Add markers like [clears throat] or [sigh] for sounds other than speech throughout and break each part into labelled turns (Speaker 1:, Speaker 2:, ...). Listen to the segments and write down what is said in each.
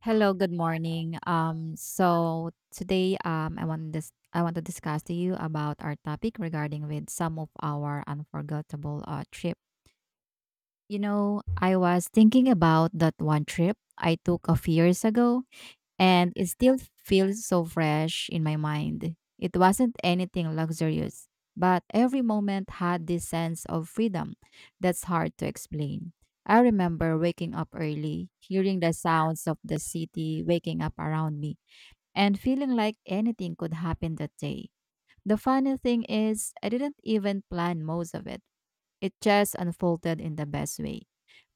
Speaker 1: Hello, good morning. So today, I want to discuss to you about our topic regarding with some of our unforgettable trip. You know, I was thinking about that one trip I took a few years ago, and it still feels so fresh in my mind. It wasn't anything luxurious, but every moment had this sense of freedom that's hard to explain. I remember waking up early, hearing the sounds of the city waking up around me, and feeling like anything could happen that day. The funny thing is, I didn't even plan most of it. It just unfolded in the best way.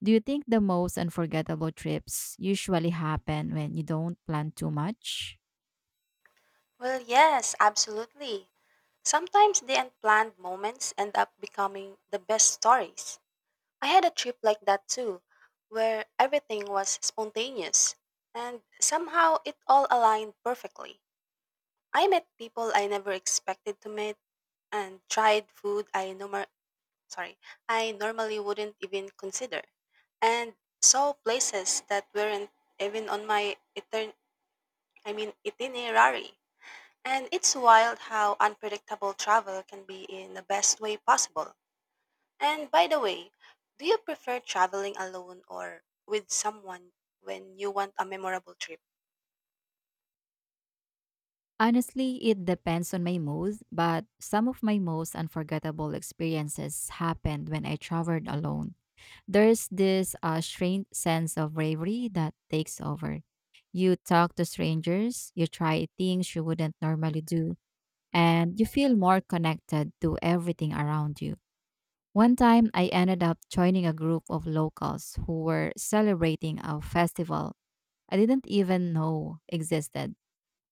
Speaker 1: Do you think the most unforgettable trips usually happen when you don't plan too much?
Speaker 2: Well, yes, absolutely. Sometimes the unplanned moments end up becoming the best stories. I had a trip like that too, where everything was spontaneous, and somehow it all aligned perfectly. I met people I never expected to meet and tried food sorry, I normally wouldn't even consider, and saw places that weren't even on my itinerary. And it's wild how unpredictable travel can be in the best way possible. And by the way, do you prefer traveling alone or with someone when you want a memorable trip?
Speaker 1: Honestly, it depends on my mood, but some of my most unforgettable experiences happened when I traveled alone. There's this strange sense of bravery that takes over. You talk to strangers, you try things you wouldn't normally do, and you feel more connected to everything around you. One time, I ended up joining a group of locals who were celebrating a festival I didn't even know existed.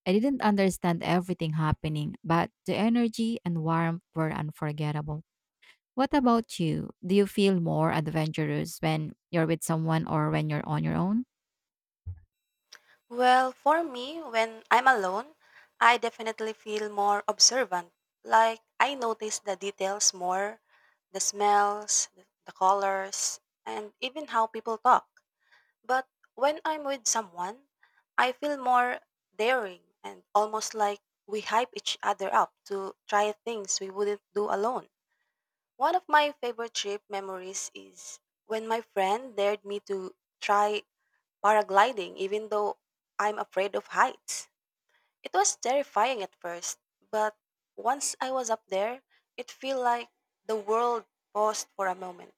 Speaker 1: I didn't understand everything happening, but the energy and warmth were unforgettable. What about you? Do you feel more adventurous when you're with someone or when you're on your own?
Speaker 2: Well, for me, when I'm alone, I definitely feel more observant. Like, I notice the details more, the smells, the colors, and even how people talk. But when I'm with someone, I feel more daring and almost like we hype each other up to try things we wouldn't do alone. One of my favorite trip memories is when my friend dared me to try paragliding even though I'm afraid of heights. It was terrifying at first, but once I was up there, it felt like the world paused for a moment.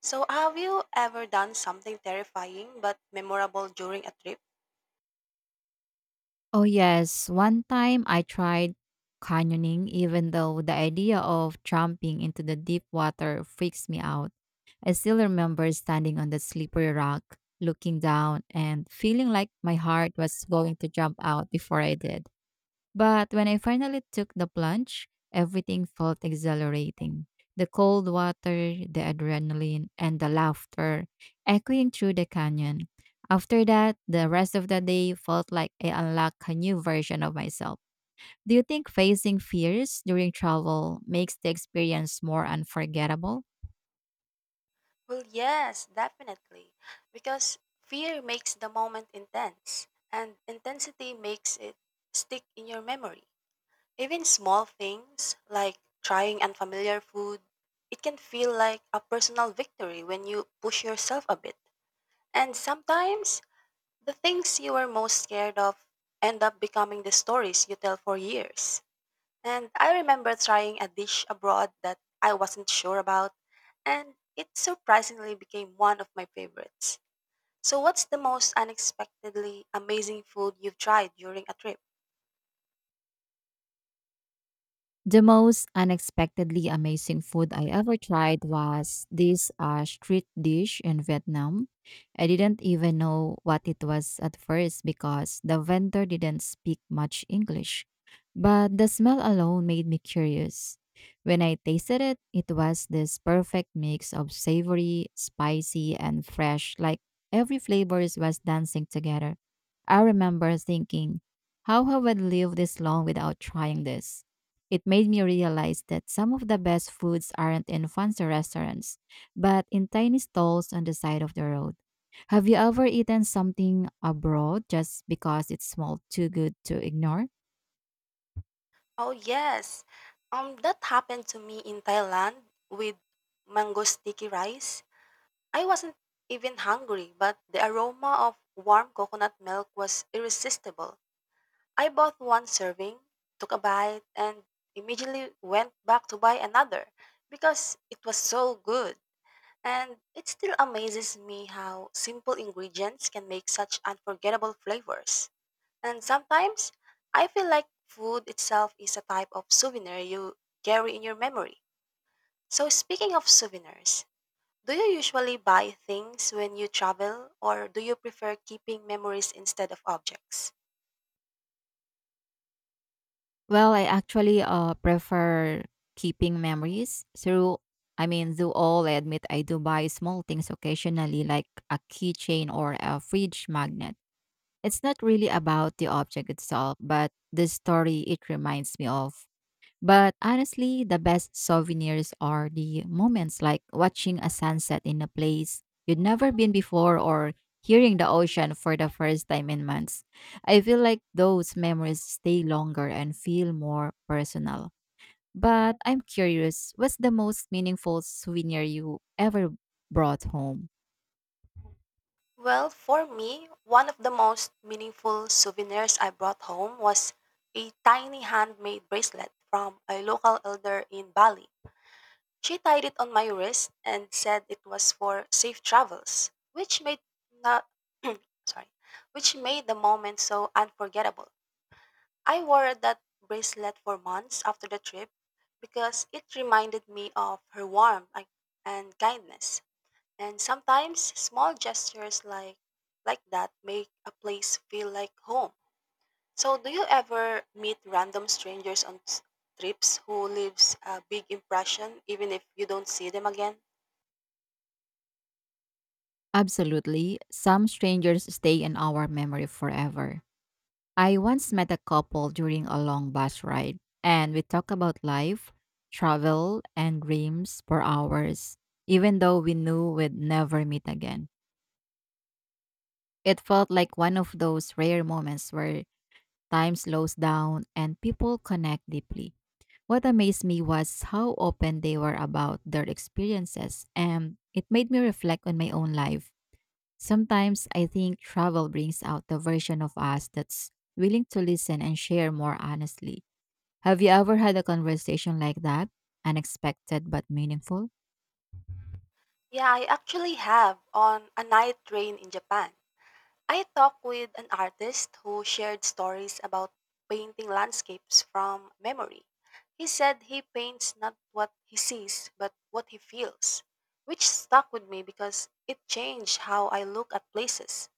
Speaker 2: So, have you ever done something terrifying but memorable during a trip?
Speaker 1: Oh, yes. One time I tried canyoning, even though the idea of jumping into the deep water freaks me out. I still remember standing on the slippery rock, looking down, and feeling like my heart was going to jump out before I did. But when I finally took the plunge, everything felt exhilarating. The cold water, the adrenaline, and the laughter echoing through the canyon. After that, the rest of the day felt like I unlocked a new version of myself. Do you think facing fears during travel makes the experience more unforgettable?
Speaker 2: Well, yes, definitely. Because fear makes the moment intense, and intensity makes it stick in your memory. Even small things like trying unfamiliar food, it can feel like a personal victory when you push yourself a bit. And sometimes, the things you were most scared of end up becoming the stories you tell for years. And I remember trying a dish abroad that I wasn't sure about, and it surprisingly became one of my favorites. So, what's the most unexpectedly amazing food you've tried during a trip?
Speaker 1: The most unexpectedly amazing food I ever tried was this street dish in Vietnam. I didn't even know what it was at first because the vendor didn't speak much English. But the smell alone made me curious. When I tasted it, it was this perfect mix of savory, spicy, and fresh, like every flavors was dancing together. I remember thinking, how have I lived this long without trying this? It made me realize that some of the best foods aren't in fancy restaurants, but in tiny stalls on the side of the road. Have you ever eaten something abroad just because it smelled too good to ignore?
Speaker 2: Oh, yes. That happened to me in Thailand with mango sticky rice. I wasn't even hungry, but the aroma of warm coconut milk was irresistible. I bought one serving, took a bite, and immediately went back to buy another because it was so good. And it still amazes me how simple ingredients can make such unforgettable flavors. And sometimes I feel like food itself is a type of souvenir you carry in your memory. So, speaking of souvenirs, do you usually buy things when you travel, or do you prefer keeping memories instead of objects?
Speaker 1: Well, I actually prefer keeping memories through. I mean, though all I admit I do buy small things occasionally, like a keychain or a fridge magnet. It's not really about the object itself, but the story it reminds me of. But honestly, the best souvenirs are the moments like watching a sunset in a place you'd never been before, or hearing the ocean for the first time in months. I feel like those memories stay longer and feel more personal. But I'm curious, what's the most meaningful souvenir you ever brought home?
Speaker 2: Well, for me, one of the most meaningful souvenirs I brought home was a tiny handmade bracelet from a local elder in Bali. She tied it on my wrist and said it was for safe travels, which made not [clears throat] sorry, which made the moment so unforgettable. I wore that bracelet for months after the trip because it reminded me of her warmth and kindness. And sometimes small gestures like that make a place feel like home. So do you ever meet random strangers on trips who leaves a big impression even if you don't see them again?
Speaker 1: Absolutely. Some strangers stay in our memory forever. I once met a couple during a long bus ride, and we talked about life, travel, and dreams for hours, even though we knew we'd never meet again. It felt like one of those rare moments where time slows down and people connect deeply. What amazed me was how open they were about their experiences, and it made me reflect on my own life. Sometimes I think travel brings out the version of us that's willing to listen and share more honestly. Have you ever had a conversation like that? Unexpected but meaningful?
Speaker 2: Yeah, I actually have, on a night train in Japan. I talked with an artist who shared stories about painting landscapes from memory. He said he paints not what he sees, but what he feels, which stuck with me because it changed how I look at places.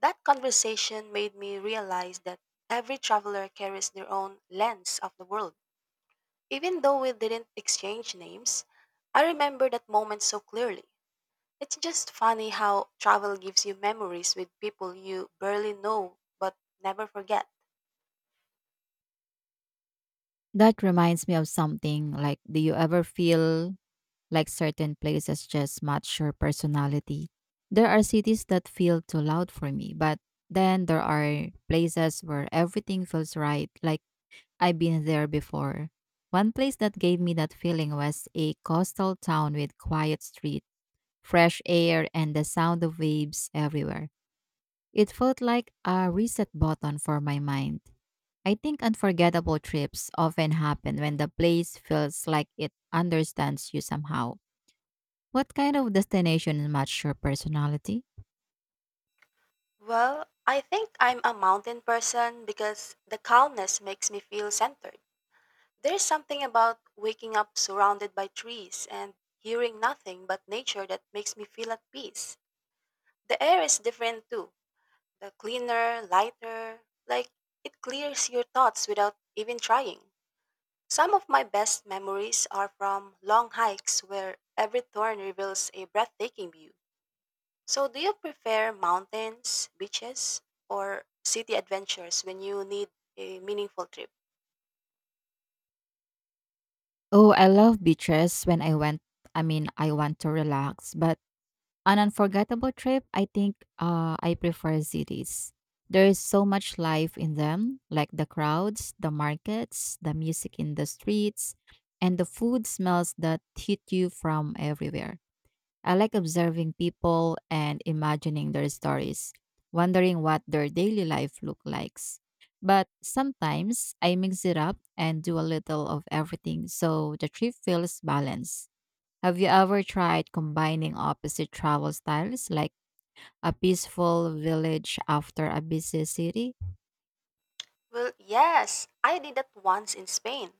Speaker 2: That conversation made me realize that every traveler carries their own lens of the world. Even though we didn't exchange names, I remember that moment so clearly. It's just funny how travel gives you memories with people you barely know but never forget.
Speaker 1: That reminds me of something, like, do you ever feel like certain places just match your personality? There are cities that feel too loud for me, but then there are places where everything feels right, like I've been there before. One place that gave me that feeling was a coastal town with quiet street, fresh air, and the sound of waves everywhere. It felt like a reset button for my mind. I think unforgettable trips often happen when the place feels like it understands you somehow. What kind of destination match your personality?
Speaker 2: Well, I think I'm a mountain person because the calmness makes me feel centered. There's something about waking up surrounded by trees and hearing nothing but nature that makes me feel at peace. The air is different too. The cleaner, lighter, like it clears your thoughts without even trying. Some of my best memories are from long hikes where every turn reveals a breathtaking view. So, do you prefer mountains, beaches, or city adventures when you need a meaningful trip?
Speaker 1: Oh, I love beaches when I went I mean I want to relax, but an unforgettable trip, I think, I prefer cities. There is so much life in them, like the crowds, the markets, the music in the streets, and the food smells that hit you from everywhere. I like observing people and imagining their stories, wondering what their daily life look like. But sometimes I mix it up and do a little of everything so the trip feels balanced. Have you ever tried combining opposite travel styles, like a peaceful village after a busy city?
Speaker 2: Well, yes, I did that once in Spain.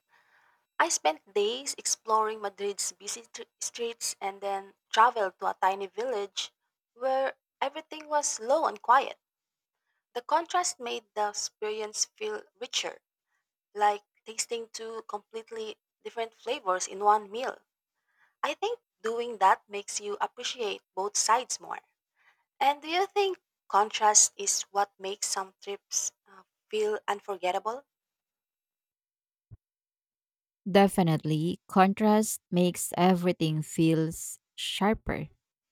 Speaker 2: I spent days exploring Madrid's busy streets and then traveled to a tiny village where everything was low and quiet. The contrast made the experience feel richer, like tasting two completely different flavors in one meal. I think doing that makes you appreciate both sides more. And do you think contrast is what makes some trips feel unforgettable?
Speaker 1: Definitely, contrast makes everything feels sharper.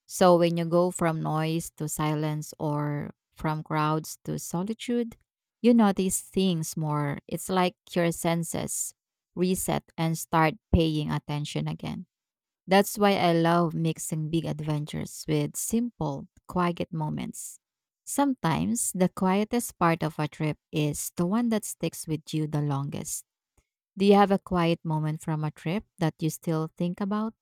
Speaker 1: So when you go from noise to silence or from crowds to solitude, you notice things more. It's like your senses reset and start paying attention again. That's why I love mixing big adventures with simple, quiet moments. Sometimes the quietest part of a trip is the one that sticks with you the longest. Do you have a quiet moment from a trip that you still think about?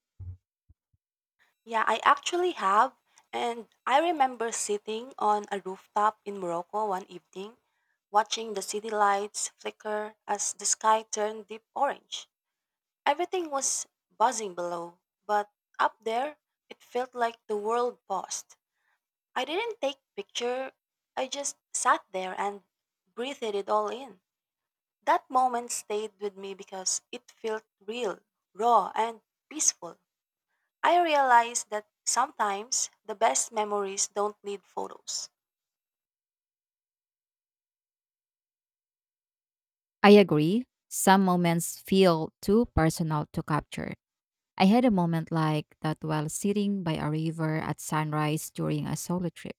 Speaker 2: Yeah, I actually have. And I remember sitting on a rooftop in Morocco one evening, watching the city lights flicker as the sky turned deep orange. Everything was buzzing below, but up there, it felt like the world paused. I didn't take picture. I just sat there and breathed it all in. That moment stayed with me because it felt real, raw, and peaceful. I realized that sometimes the best memories don't need photos.
Speaker 1: I agree. Some moments feel too personal to capture. I had a moment like that while sitting by a river at sunrise during a solo trip.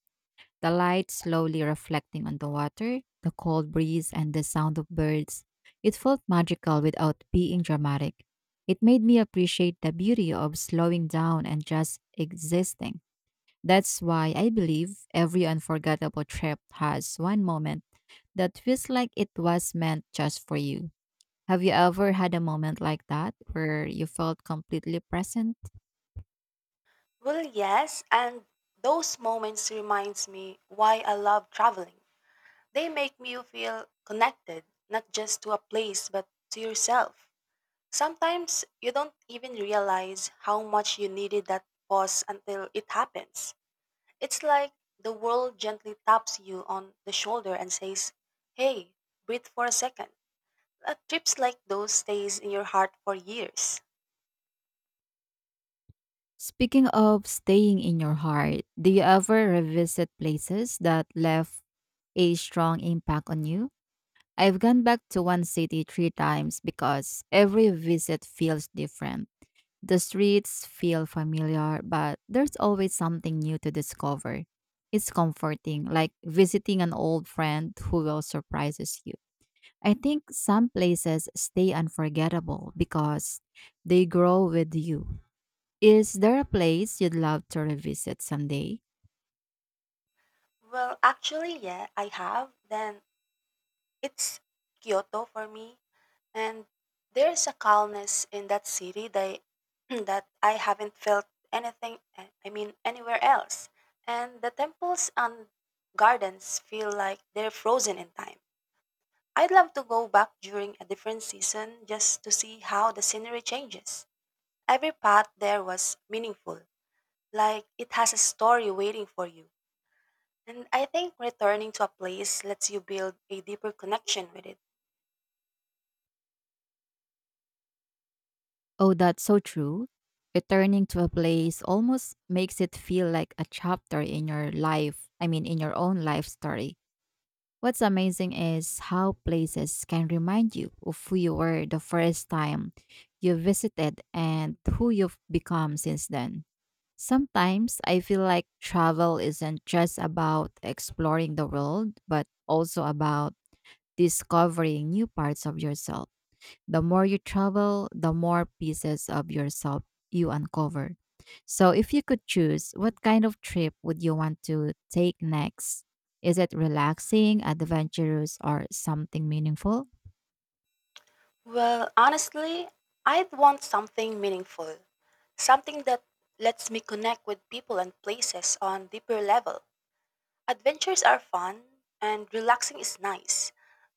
Speaker 1: The light slowly reflecting on the water, the cold breeze, and the sound of birds. It felt magical without being dramatic. It made me appreciate the beauty of slowing down and just existing. That's why I believe every unforgettable trip has one moment that feels like it was meant just for you. Have you ever had a moment like that where you felt completely present?
Speaker 2: Well, yes, and those moments reminds me why I love traveling. They make me feel connected, not just to a place but to yourself. Sometimes you don't even realize how much you needed that pause until it happens. It's like the world gently taps you on the shoulder and says, "Hey, breathe for a second." Trips like those stays in your heart for years.
Speaker 1: Speaking of staying in your heart, do you ever revisit places that left a strong impact on you? I've gone back to one city three times because every visit feels different. The streets feel familiar, but there's always something new to discover. It's comforting, like visiting an old friend who will surprises you. I think some places stay unforgettable because they grow with you. Is there a place you'd love to revisit someday?
Speaker 2: Well, actually, yeah, I have. Then it's Kyoto for me. And there's a calmness in that city that, [clears throat] that I haven't felt anything, I mean, anywhere else. And the temples and gardens feel like they're frozen in time. I'd love to go back during a different season just to see how the scenery changes. Every path there was meaningful, like it has a story waiting for you. And I think returning to a place lets you build a deeper connection with it.
Speaker 1: Oh, that's so true. Returning to a place almost makes it feel like a chapter in your life, I mean, in your own life story. What's amazing is how places can remind you of who you were the first time you visited and who you've become since then. Sometimes I feel like travel isn't just about exploring the world, but also about discovering new parts of yourself. The more you travel, the more pieces of yourself you uncover. So, if you could choose, what kind of trip would you want to take next? Is it relaxing, adventurous, or something meaningful?
Speaker 2: Well, honestly, I'd want something meaningful, something that lets me connect with people and places on deeper level. Adventures are fun and relaxing is nice,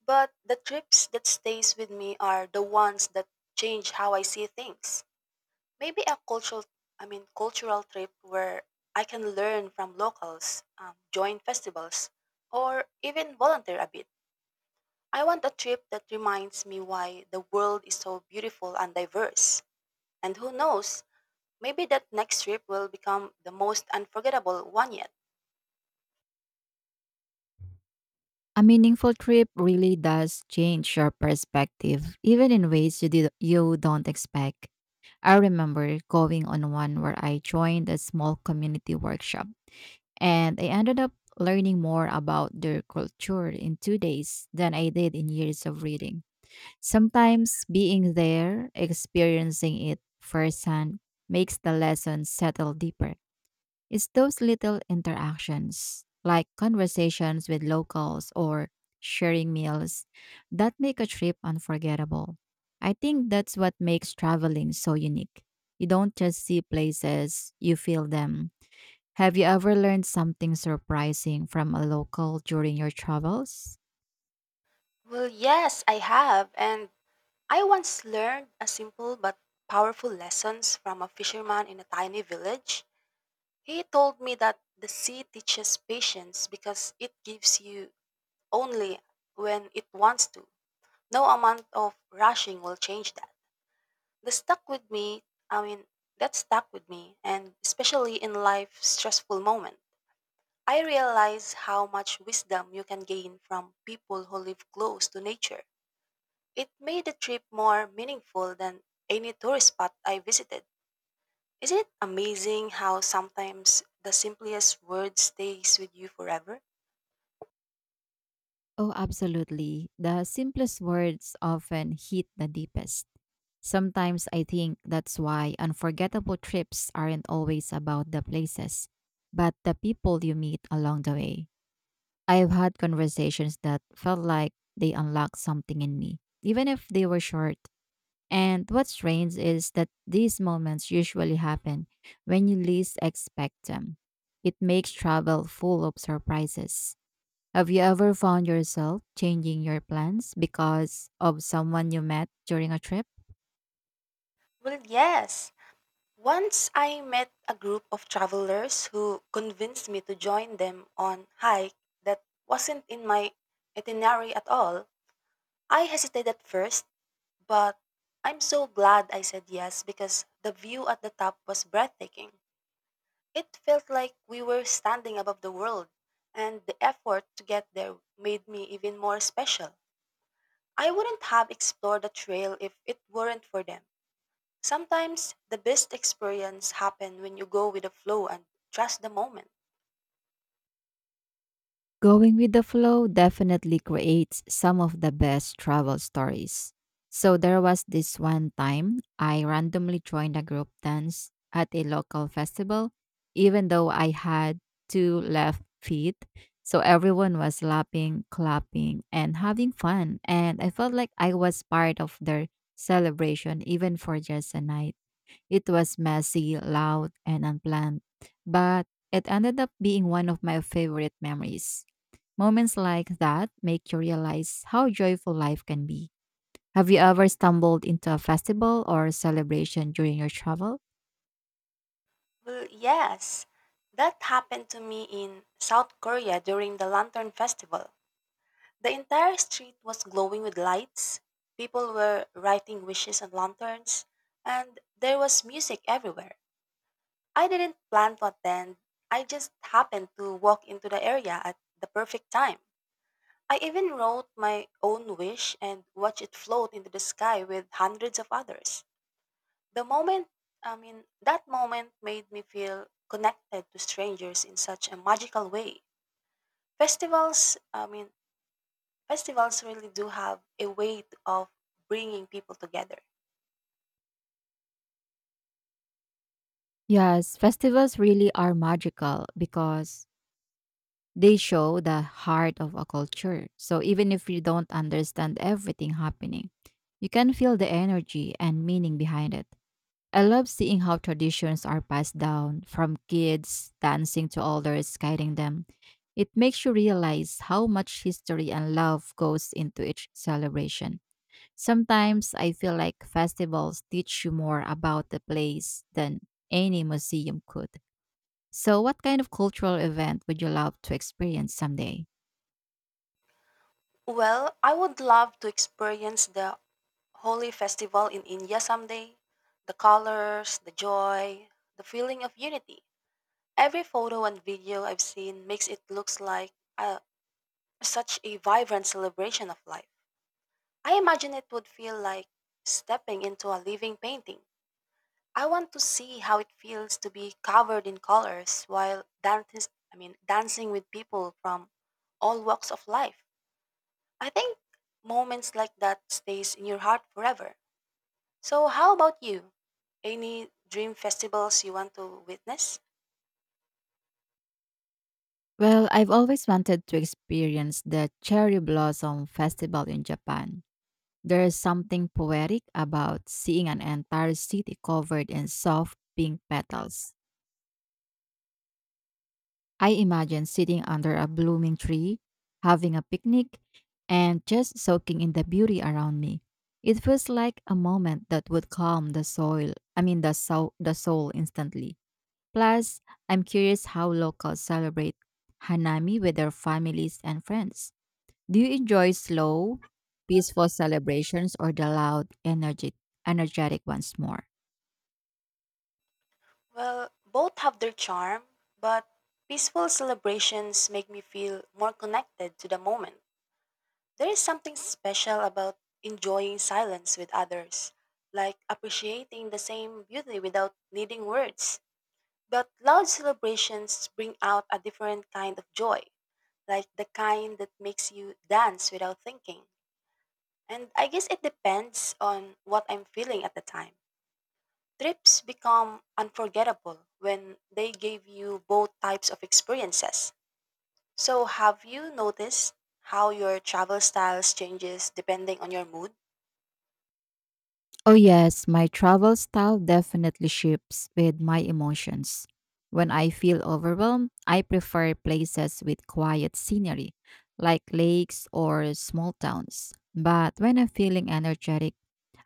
Speaker 2: but the trips that stays with me are the ones that change how I see things. Maybe a cultural trip where I can learn from locals, join festivals, or even volunteer a bit. I want a trip that reminds me why the world is so beautiful and diverse. And who knows, maybe that next trip will become the most unforgettable one yet.
Speaker 1: A meaningful trip really does change your perspective, even in ways you don't expect. I remember going on one where I joined a small community workshop, and I ended up learning more about their culture in 2 days than I did in years of reading. Sometimes being there, experiencing it firsthand, makes the lesson settle deeper. It's those little interactions, like conversations with locals or sharing meals, that make a trip unforgettable. I think that's what makes traveling so unique. You don't just see places, you feel them. Have you ever learned something surprising from a local during your travels?
Speaker 2: Well, yes, I have. And I once learned a simple but powerful lessons from a fisherman in a tiny village. He told me that the sea teaches patience because it gives you only when it wants to. No amount of rushing will change that. The stuck with me, I mean, that stuck with me, and especially in life's stressful moment. I realize how much wisdom you can gain from people who live close to nature. It made the trip more meaningful than any tourist spot I visited. Isn't it amazing how sometimes the simplest word stays with you forever?
Speaker 1: Oh, absolutely. The simplest words often hit the deepest. Sometimes I think that's why unforgettable trips aren't always about the places, but the people you meet along the way. I've had conversations that felt like they unlocked something in me, even if they were short. And what's strange is that these moments usually happen when you least expect them. It makes travel full of surprises. Have you ever found yourself changing your plans because of someone you met during a trip?
Speaker 2: Well, yes. Once I met a group of travelers who convinced me to join them on hike that wasn't in my itinerary at all. I hesitated at first, but I'm so glad I said yes because the view at the top was breathtaking. It felt like we were standing above the world, and the effort to get there made me even more special. I wouldn't have explored the trail if it weren't for them. Sometimes the best experience happen when you go with the flow and trust the moment.
Speaker 1: Going with the flow definitely creates some of the best travel stories. So there was this one time I randomly joined a group dance at a local festival, even though I had two left feet. So everyone was laughing, clapping, and having fun. And I felt like I was part of their celebration, even for just a night. It was messy, loud, and unplanned, but it ended up being one of my favorite memories. Moments like that make you realize how joyful life can be. Have you ever stumbled into a festival or celebration during your travel?
Speaker 2: Well, yes, that happened to me in South Korea during the Lantern Festival. The entire street was glowing with lights. People were writing wishes on lanterns, and there was music everywhere. I didn't plan to attend. I just happened to walk into the area at the perfect time. I even wrote my own wish and watched it float into the sky with hundreds of others. The moment, I mean, that moment made me feel connected to strangers in such a magical way. Festivals, I mean, festivals really do have a way of bringing people together.
Speaker 1: Yes, festivals really are magical because they show the heart of a culture. So even if you don't understand everything happening, you can feel the energy and meaning behind it. I love seeing how traditions are passed down from kids dancing to elders guiding them. It makes you realize how much history and love goes into each celebration. Sometimes I feel like festivals teach you more about the place than any museum could. So, what kind of cultural event would you love to experience someday?
Speaker 2: Well, I would love to experience the holy festival in India someday. The colors, the joy, the feeling of unity. Every photo and video I've seen makes it looks like a, such a vibrant celebration of life. I imagine it would feel like stepping into a living painting. I want to see how it feels to be covered in colors while dancing with people from all walks of life. I think moments like that stays in your heart forever. So how about you? Any dream festivals you want to witness?
Speaker 1: Well, I've always wanted to experience the cherry blossom festival in Japan. There is something poetic about seeing an entire city covered in soft pink petals. I imagine sitting under a blooming tree, having a picnic, and just soaking in the beauty around me. It feels like a moment that would calm the soil, I mean the soul instantly. Plus, I'm curious how locals celebrate Hanami with their families and friends. Do you enjoy slow, peaceful celebrations or the loud, energetic, energetic ones more?
Speaker 2: Well, both have their charm, but peaceful celebrations make me feel more connected to the moment. There is something special about enjoying silence with others, like appreciating the same beauty without needing words. But loud celebrations bring out a different kind of joy, like the kind that makes you dance without thinking. And I guess it depends on what I'm feeling at the time. Trips become unforgettable when they give you both types of experiences. So, have you noticed how your travel styles changes depending on your mood?
Speaker 1: Oh yes, my travel style definitely shifts with my emotions. When I feel overwhelmed, I prefer places with quiet scenery, like lakes or small towns. But when I'm feeling energetic,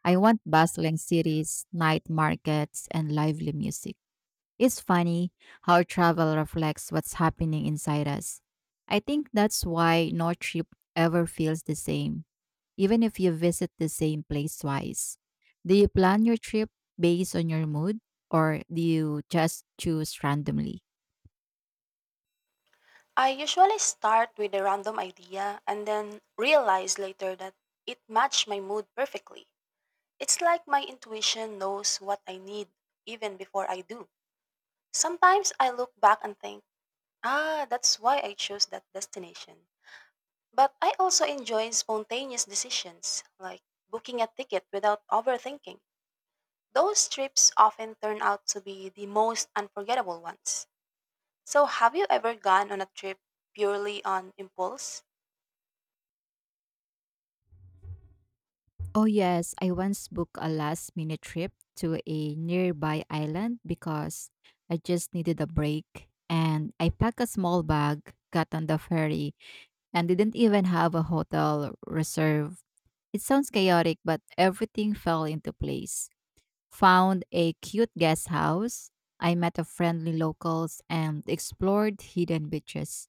Speaker 1: I want bustling cities, night markets, and lively music. It's funny how travel reflects what's happening inside us. I think that's why no trip ever feels the same, even if you visit the same place twice. Do you plan your trip based on your mood, or do you just choose randomly?
Speaker 2: I usually start with a random idea and then realize later that it matched my mood perfectly. It's like my intuition knows what I need even before I do. Sometimes I look back and think, ah, that's why I chose that destination. But I also enjoy spontaneous decisions, like booking a ticket without overthinking. Those trips often turn out to be the most unforgettable ones. So, have you ever gone on a trip purely on impulse?
Speaker 1: Oh, yes, I once booked a last minute trip to a nearby island because I just needed a break. And I packed a small bag, got on the ferry, and didn't even have a hotel reserve. It sounds chaotic, but everything fell into place. Found a cute guest house. I met a friendly locals and explored hidden beaches.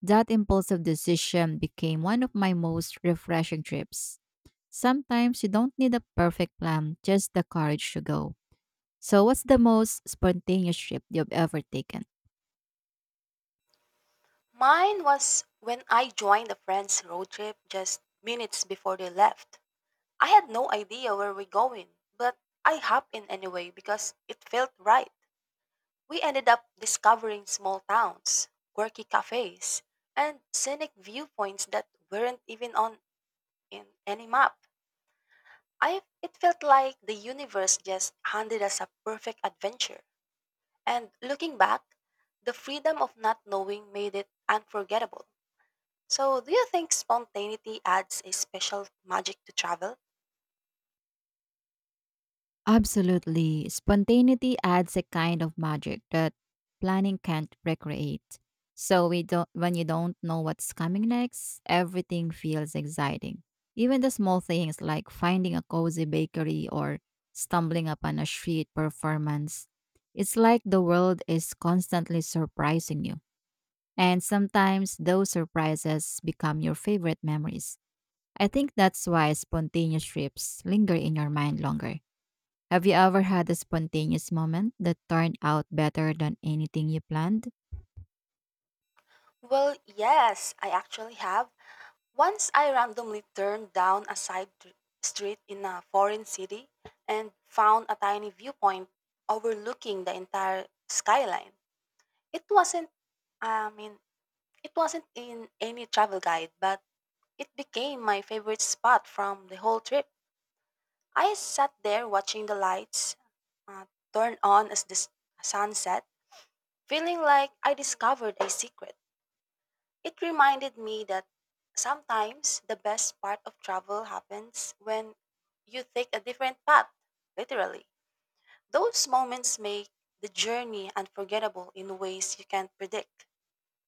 Speaker 1: That impulsive decision became one of my most refreshing trips. Sometimes you don't need a perfect plan, just the courage to go. So, what's the most spontaneous trip you've ever taken?
Speaker 2: Mine was when I joined a friend's road trip just minutes before they left. I had no idea where we're going, but I hopped in anyway because it felt right. We ended up discovering small towns, quirky cafes, and scenic viewpoints that weren't even on in any map. I It felt like the universe just handed us a perfect adventure. And looking back, the freedom of not knowing made it unforgettable. So, do you think spontaneity adds a special magic to travel?
Speaker 1: Absolutely. Spontaneity adds a kind of magic that planning can't recreate. So we don't When you don't know what's coming next, everything feels exciting. Even the small things like finding a cozy bakery or stumbling upon a street performance. It's like the world is constantly surprising you. And sometimes those surprises become your favorite memories. I think that's why spontaneous trips linger in your mind longer. Have you ever had a spontaneous moment that turned out better than anything you planned?
Speaker 2: Well, yes, I actually have. Once I randomly turned down a street in a foreign city and found a tiny viewpoint overlooking the entire skyline. It wasn't, I mean, it wasn't in any travel guide, but it became my favorite spot from the whole trip. I sat there watching the lights uh, turn on as the sunset, feeling like I discovered a secret. It reminded me that sometimes the best part of travel happens when you take a different path, literally. Those moments make the journey unforgettable in ways you can't predict.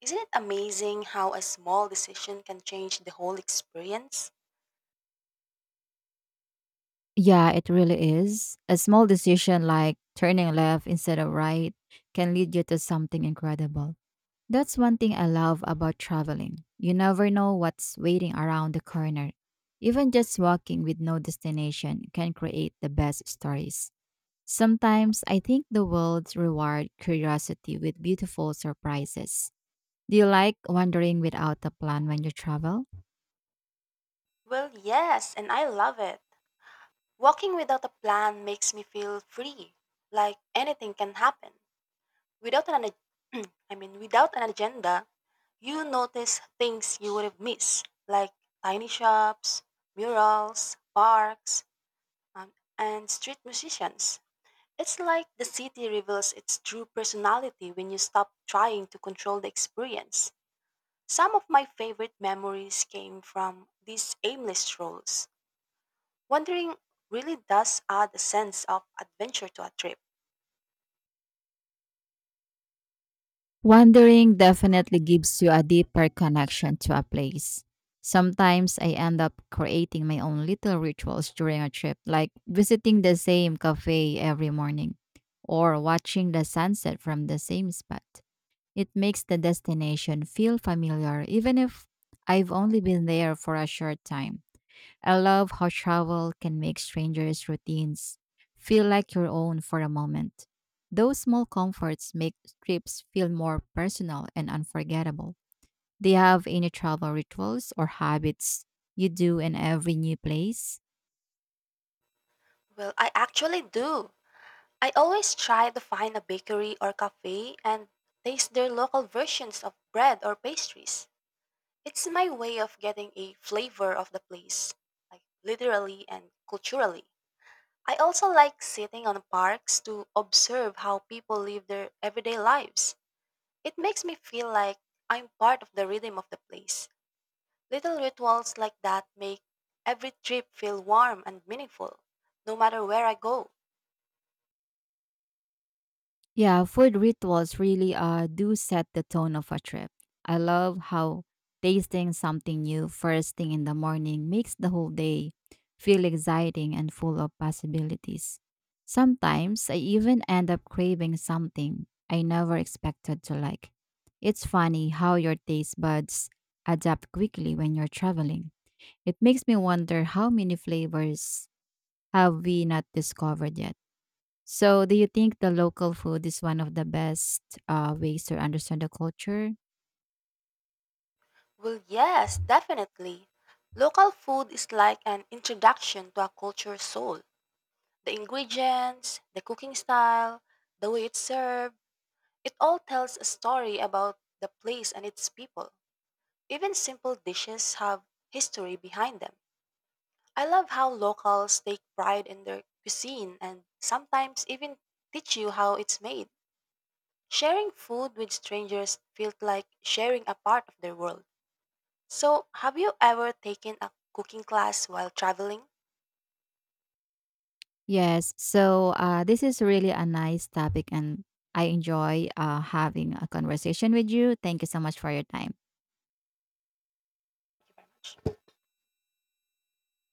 Speaker 2: Isn't it amazing how a small decision can change the whole experience?
Speaker 1: Yeah, it really is. A small decision like turning left instead of right can lead you to something incredible. That's one thing I love about traveling. You never know what's waiting around the corner. Even just walking with no destination can create the best stories. Sometimes I think the world rewards curiosity with beautiful surprises. Do you like wandering without a plan when you travel?
Speaker 2: Well, yes, and I love it. Walking without a plan makes me feel free, like anything can happen. Without an ag- [clears throat] I mean, without an agenda, you notice things you would have missed, like tiny shops, murals, parks, um, and street musicians. It's like the city reveals its true personality when you stop trying to control the experience. Some of my favorite memories came from these aimless strolls. Wandering really does add a sense of adventure to a trip.
Speaker 1: Wandering definitely gives you a deeper connection to a place. Sometimes I end up creating my own little rituals during a trip, like visiting the same cafe every morning or watching the sunset from the same spot. It makes the destination feel familiar even if I've only been there for a short time. I love how travel can make strangers' routines feel like your own for a moment. Those small comforts make trips feel more personal and unforgettable. Do you have any travel rituals or habits you do in every new place?
Speaker 2: Well, I actually do. I always try to find a bakery or cafe and taste their local versions of bread or pastries. It's my way of getting a flavor of the place, like literally and culturally. I also like sitting on parks to observe how people live their everyday lives. It makes me feel like I'm part of the rhythm of the place. Little rituals like that make every trip feel warm and meaningful, no matter where I go.
Speaker 1: Yeah, food rituals really do set the tone of a trip. I love how tasting something new first thing in the morning makes the whole day feel exciting and full of possibilities. Sometimes I even end up craving something I never expected to like. It's funny how your taste buds adapt quickly when you're traveling. It makes me wonder how many flavors have we not discovered yet. So, do you think the local food is one of the best ways to understand the culture?
Speaker 2: Well, yes, definitely. Local food is like an introduction to a culture's soul. The ingredients, the cooking style, the way it's served, it all tells a story about the place and its people. Even simple dishes have history behind them. I love how locals take pride in their cuisine and sometimes even teach you how it's made. Sharing food with strangers feels like sharing a part of their world. So, have you ever taken a cooking class while traveling?
Speaker 1: Yes. So, this is really a nice topic, and I enjoy having a conversation with you. Thank you so much for your time.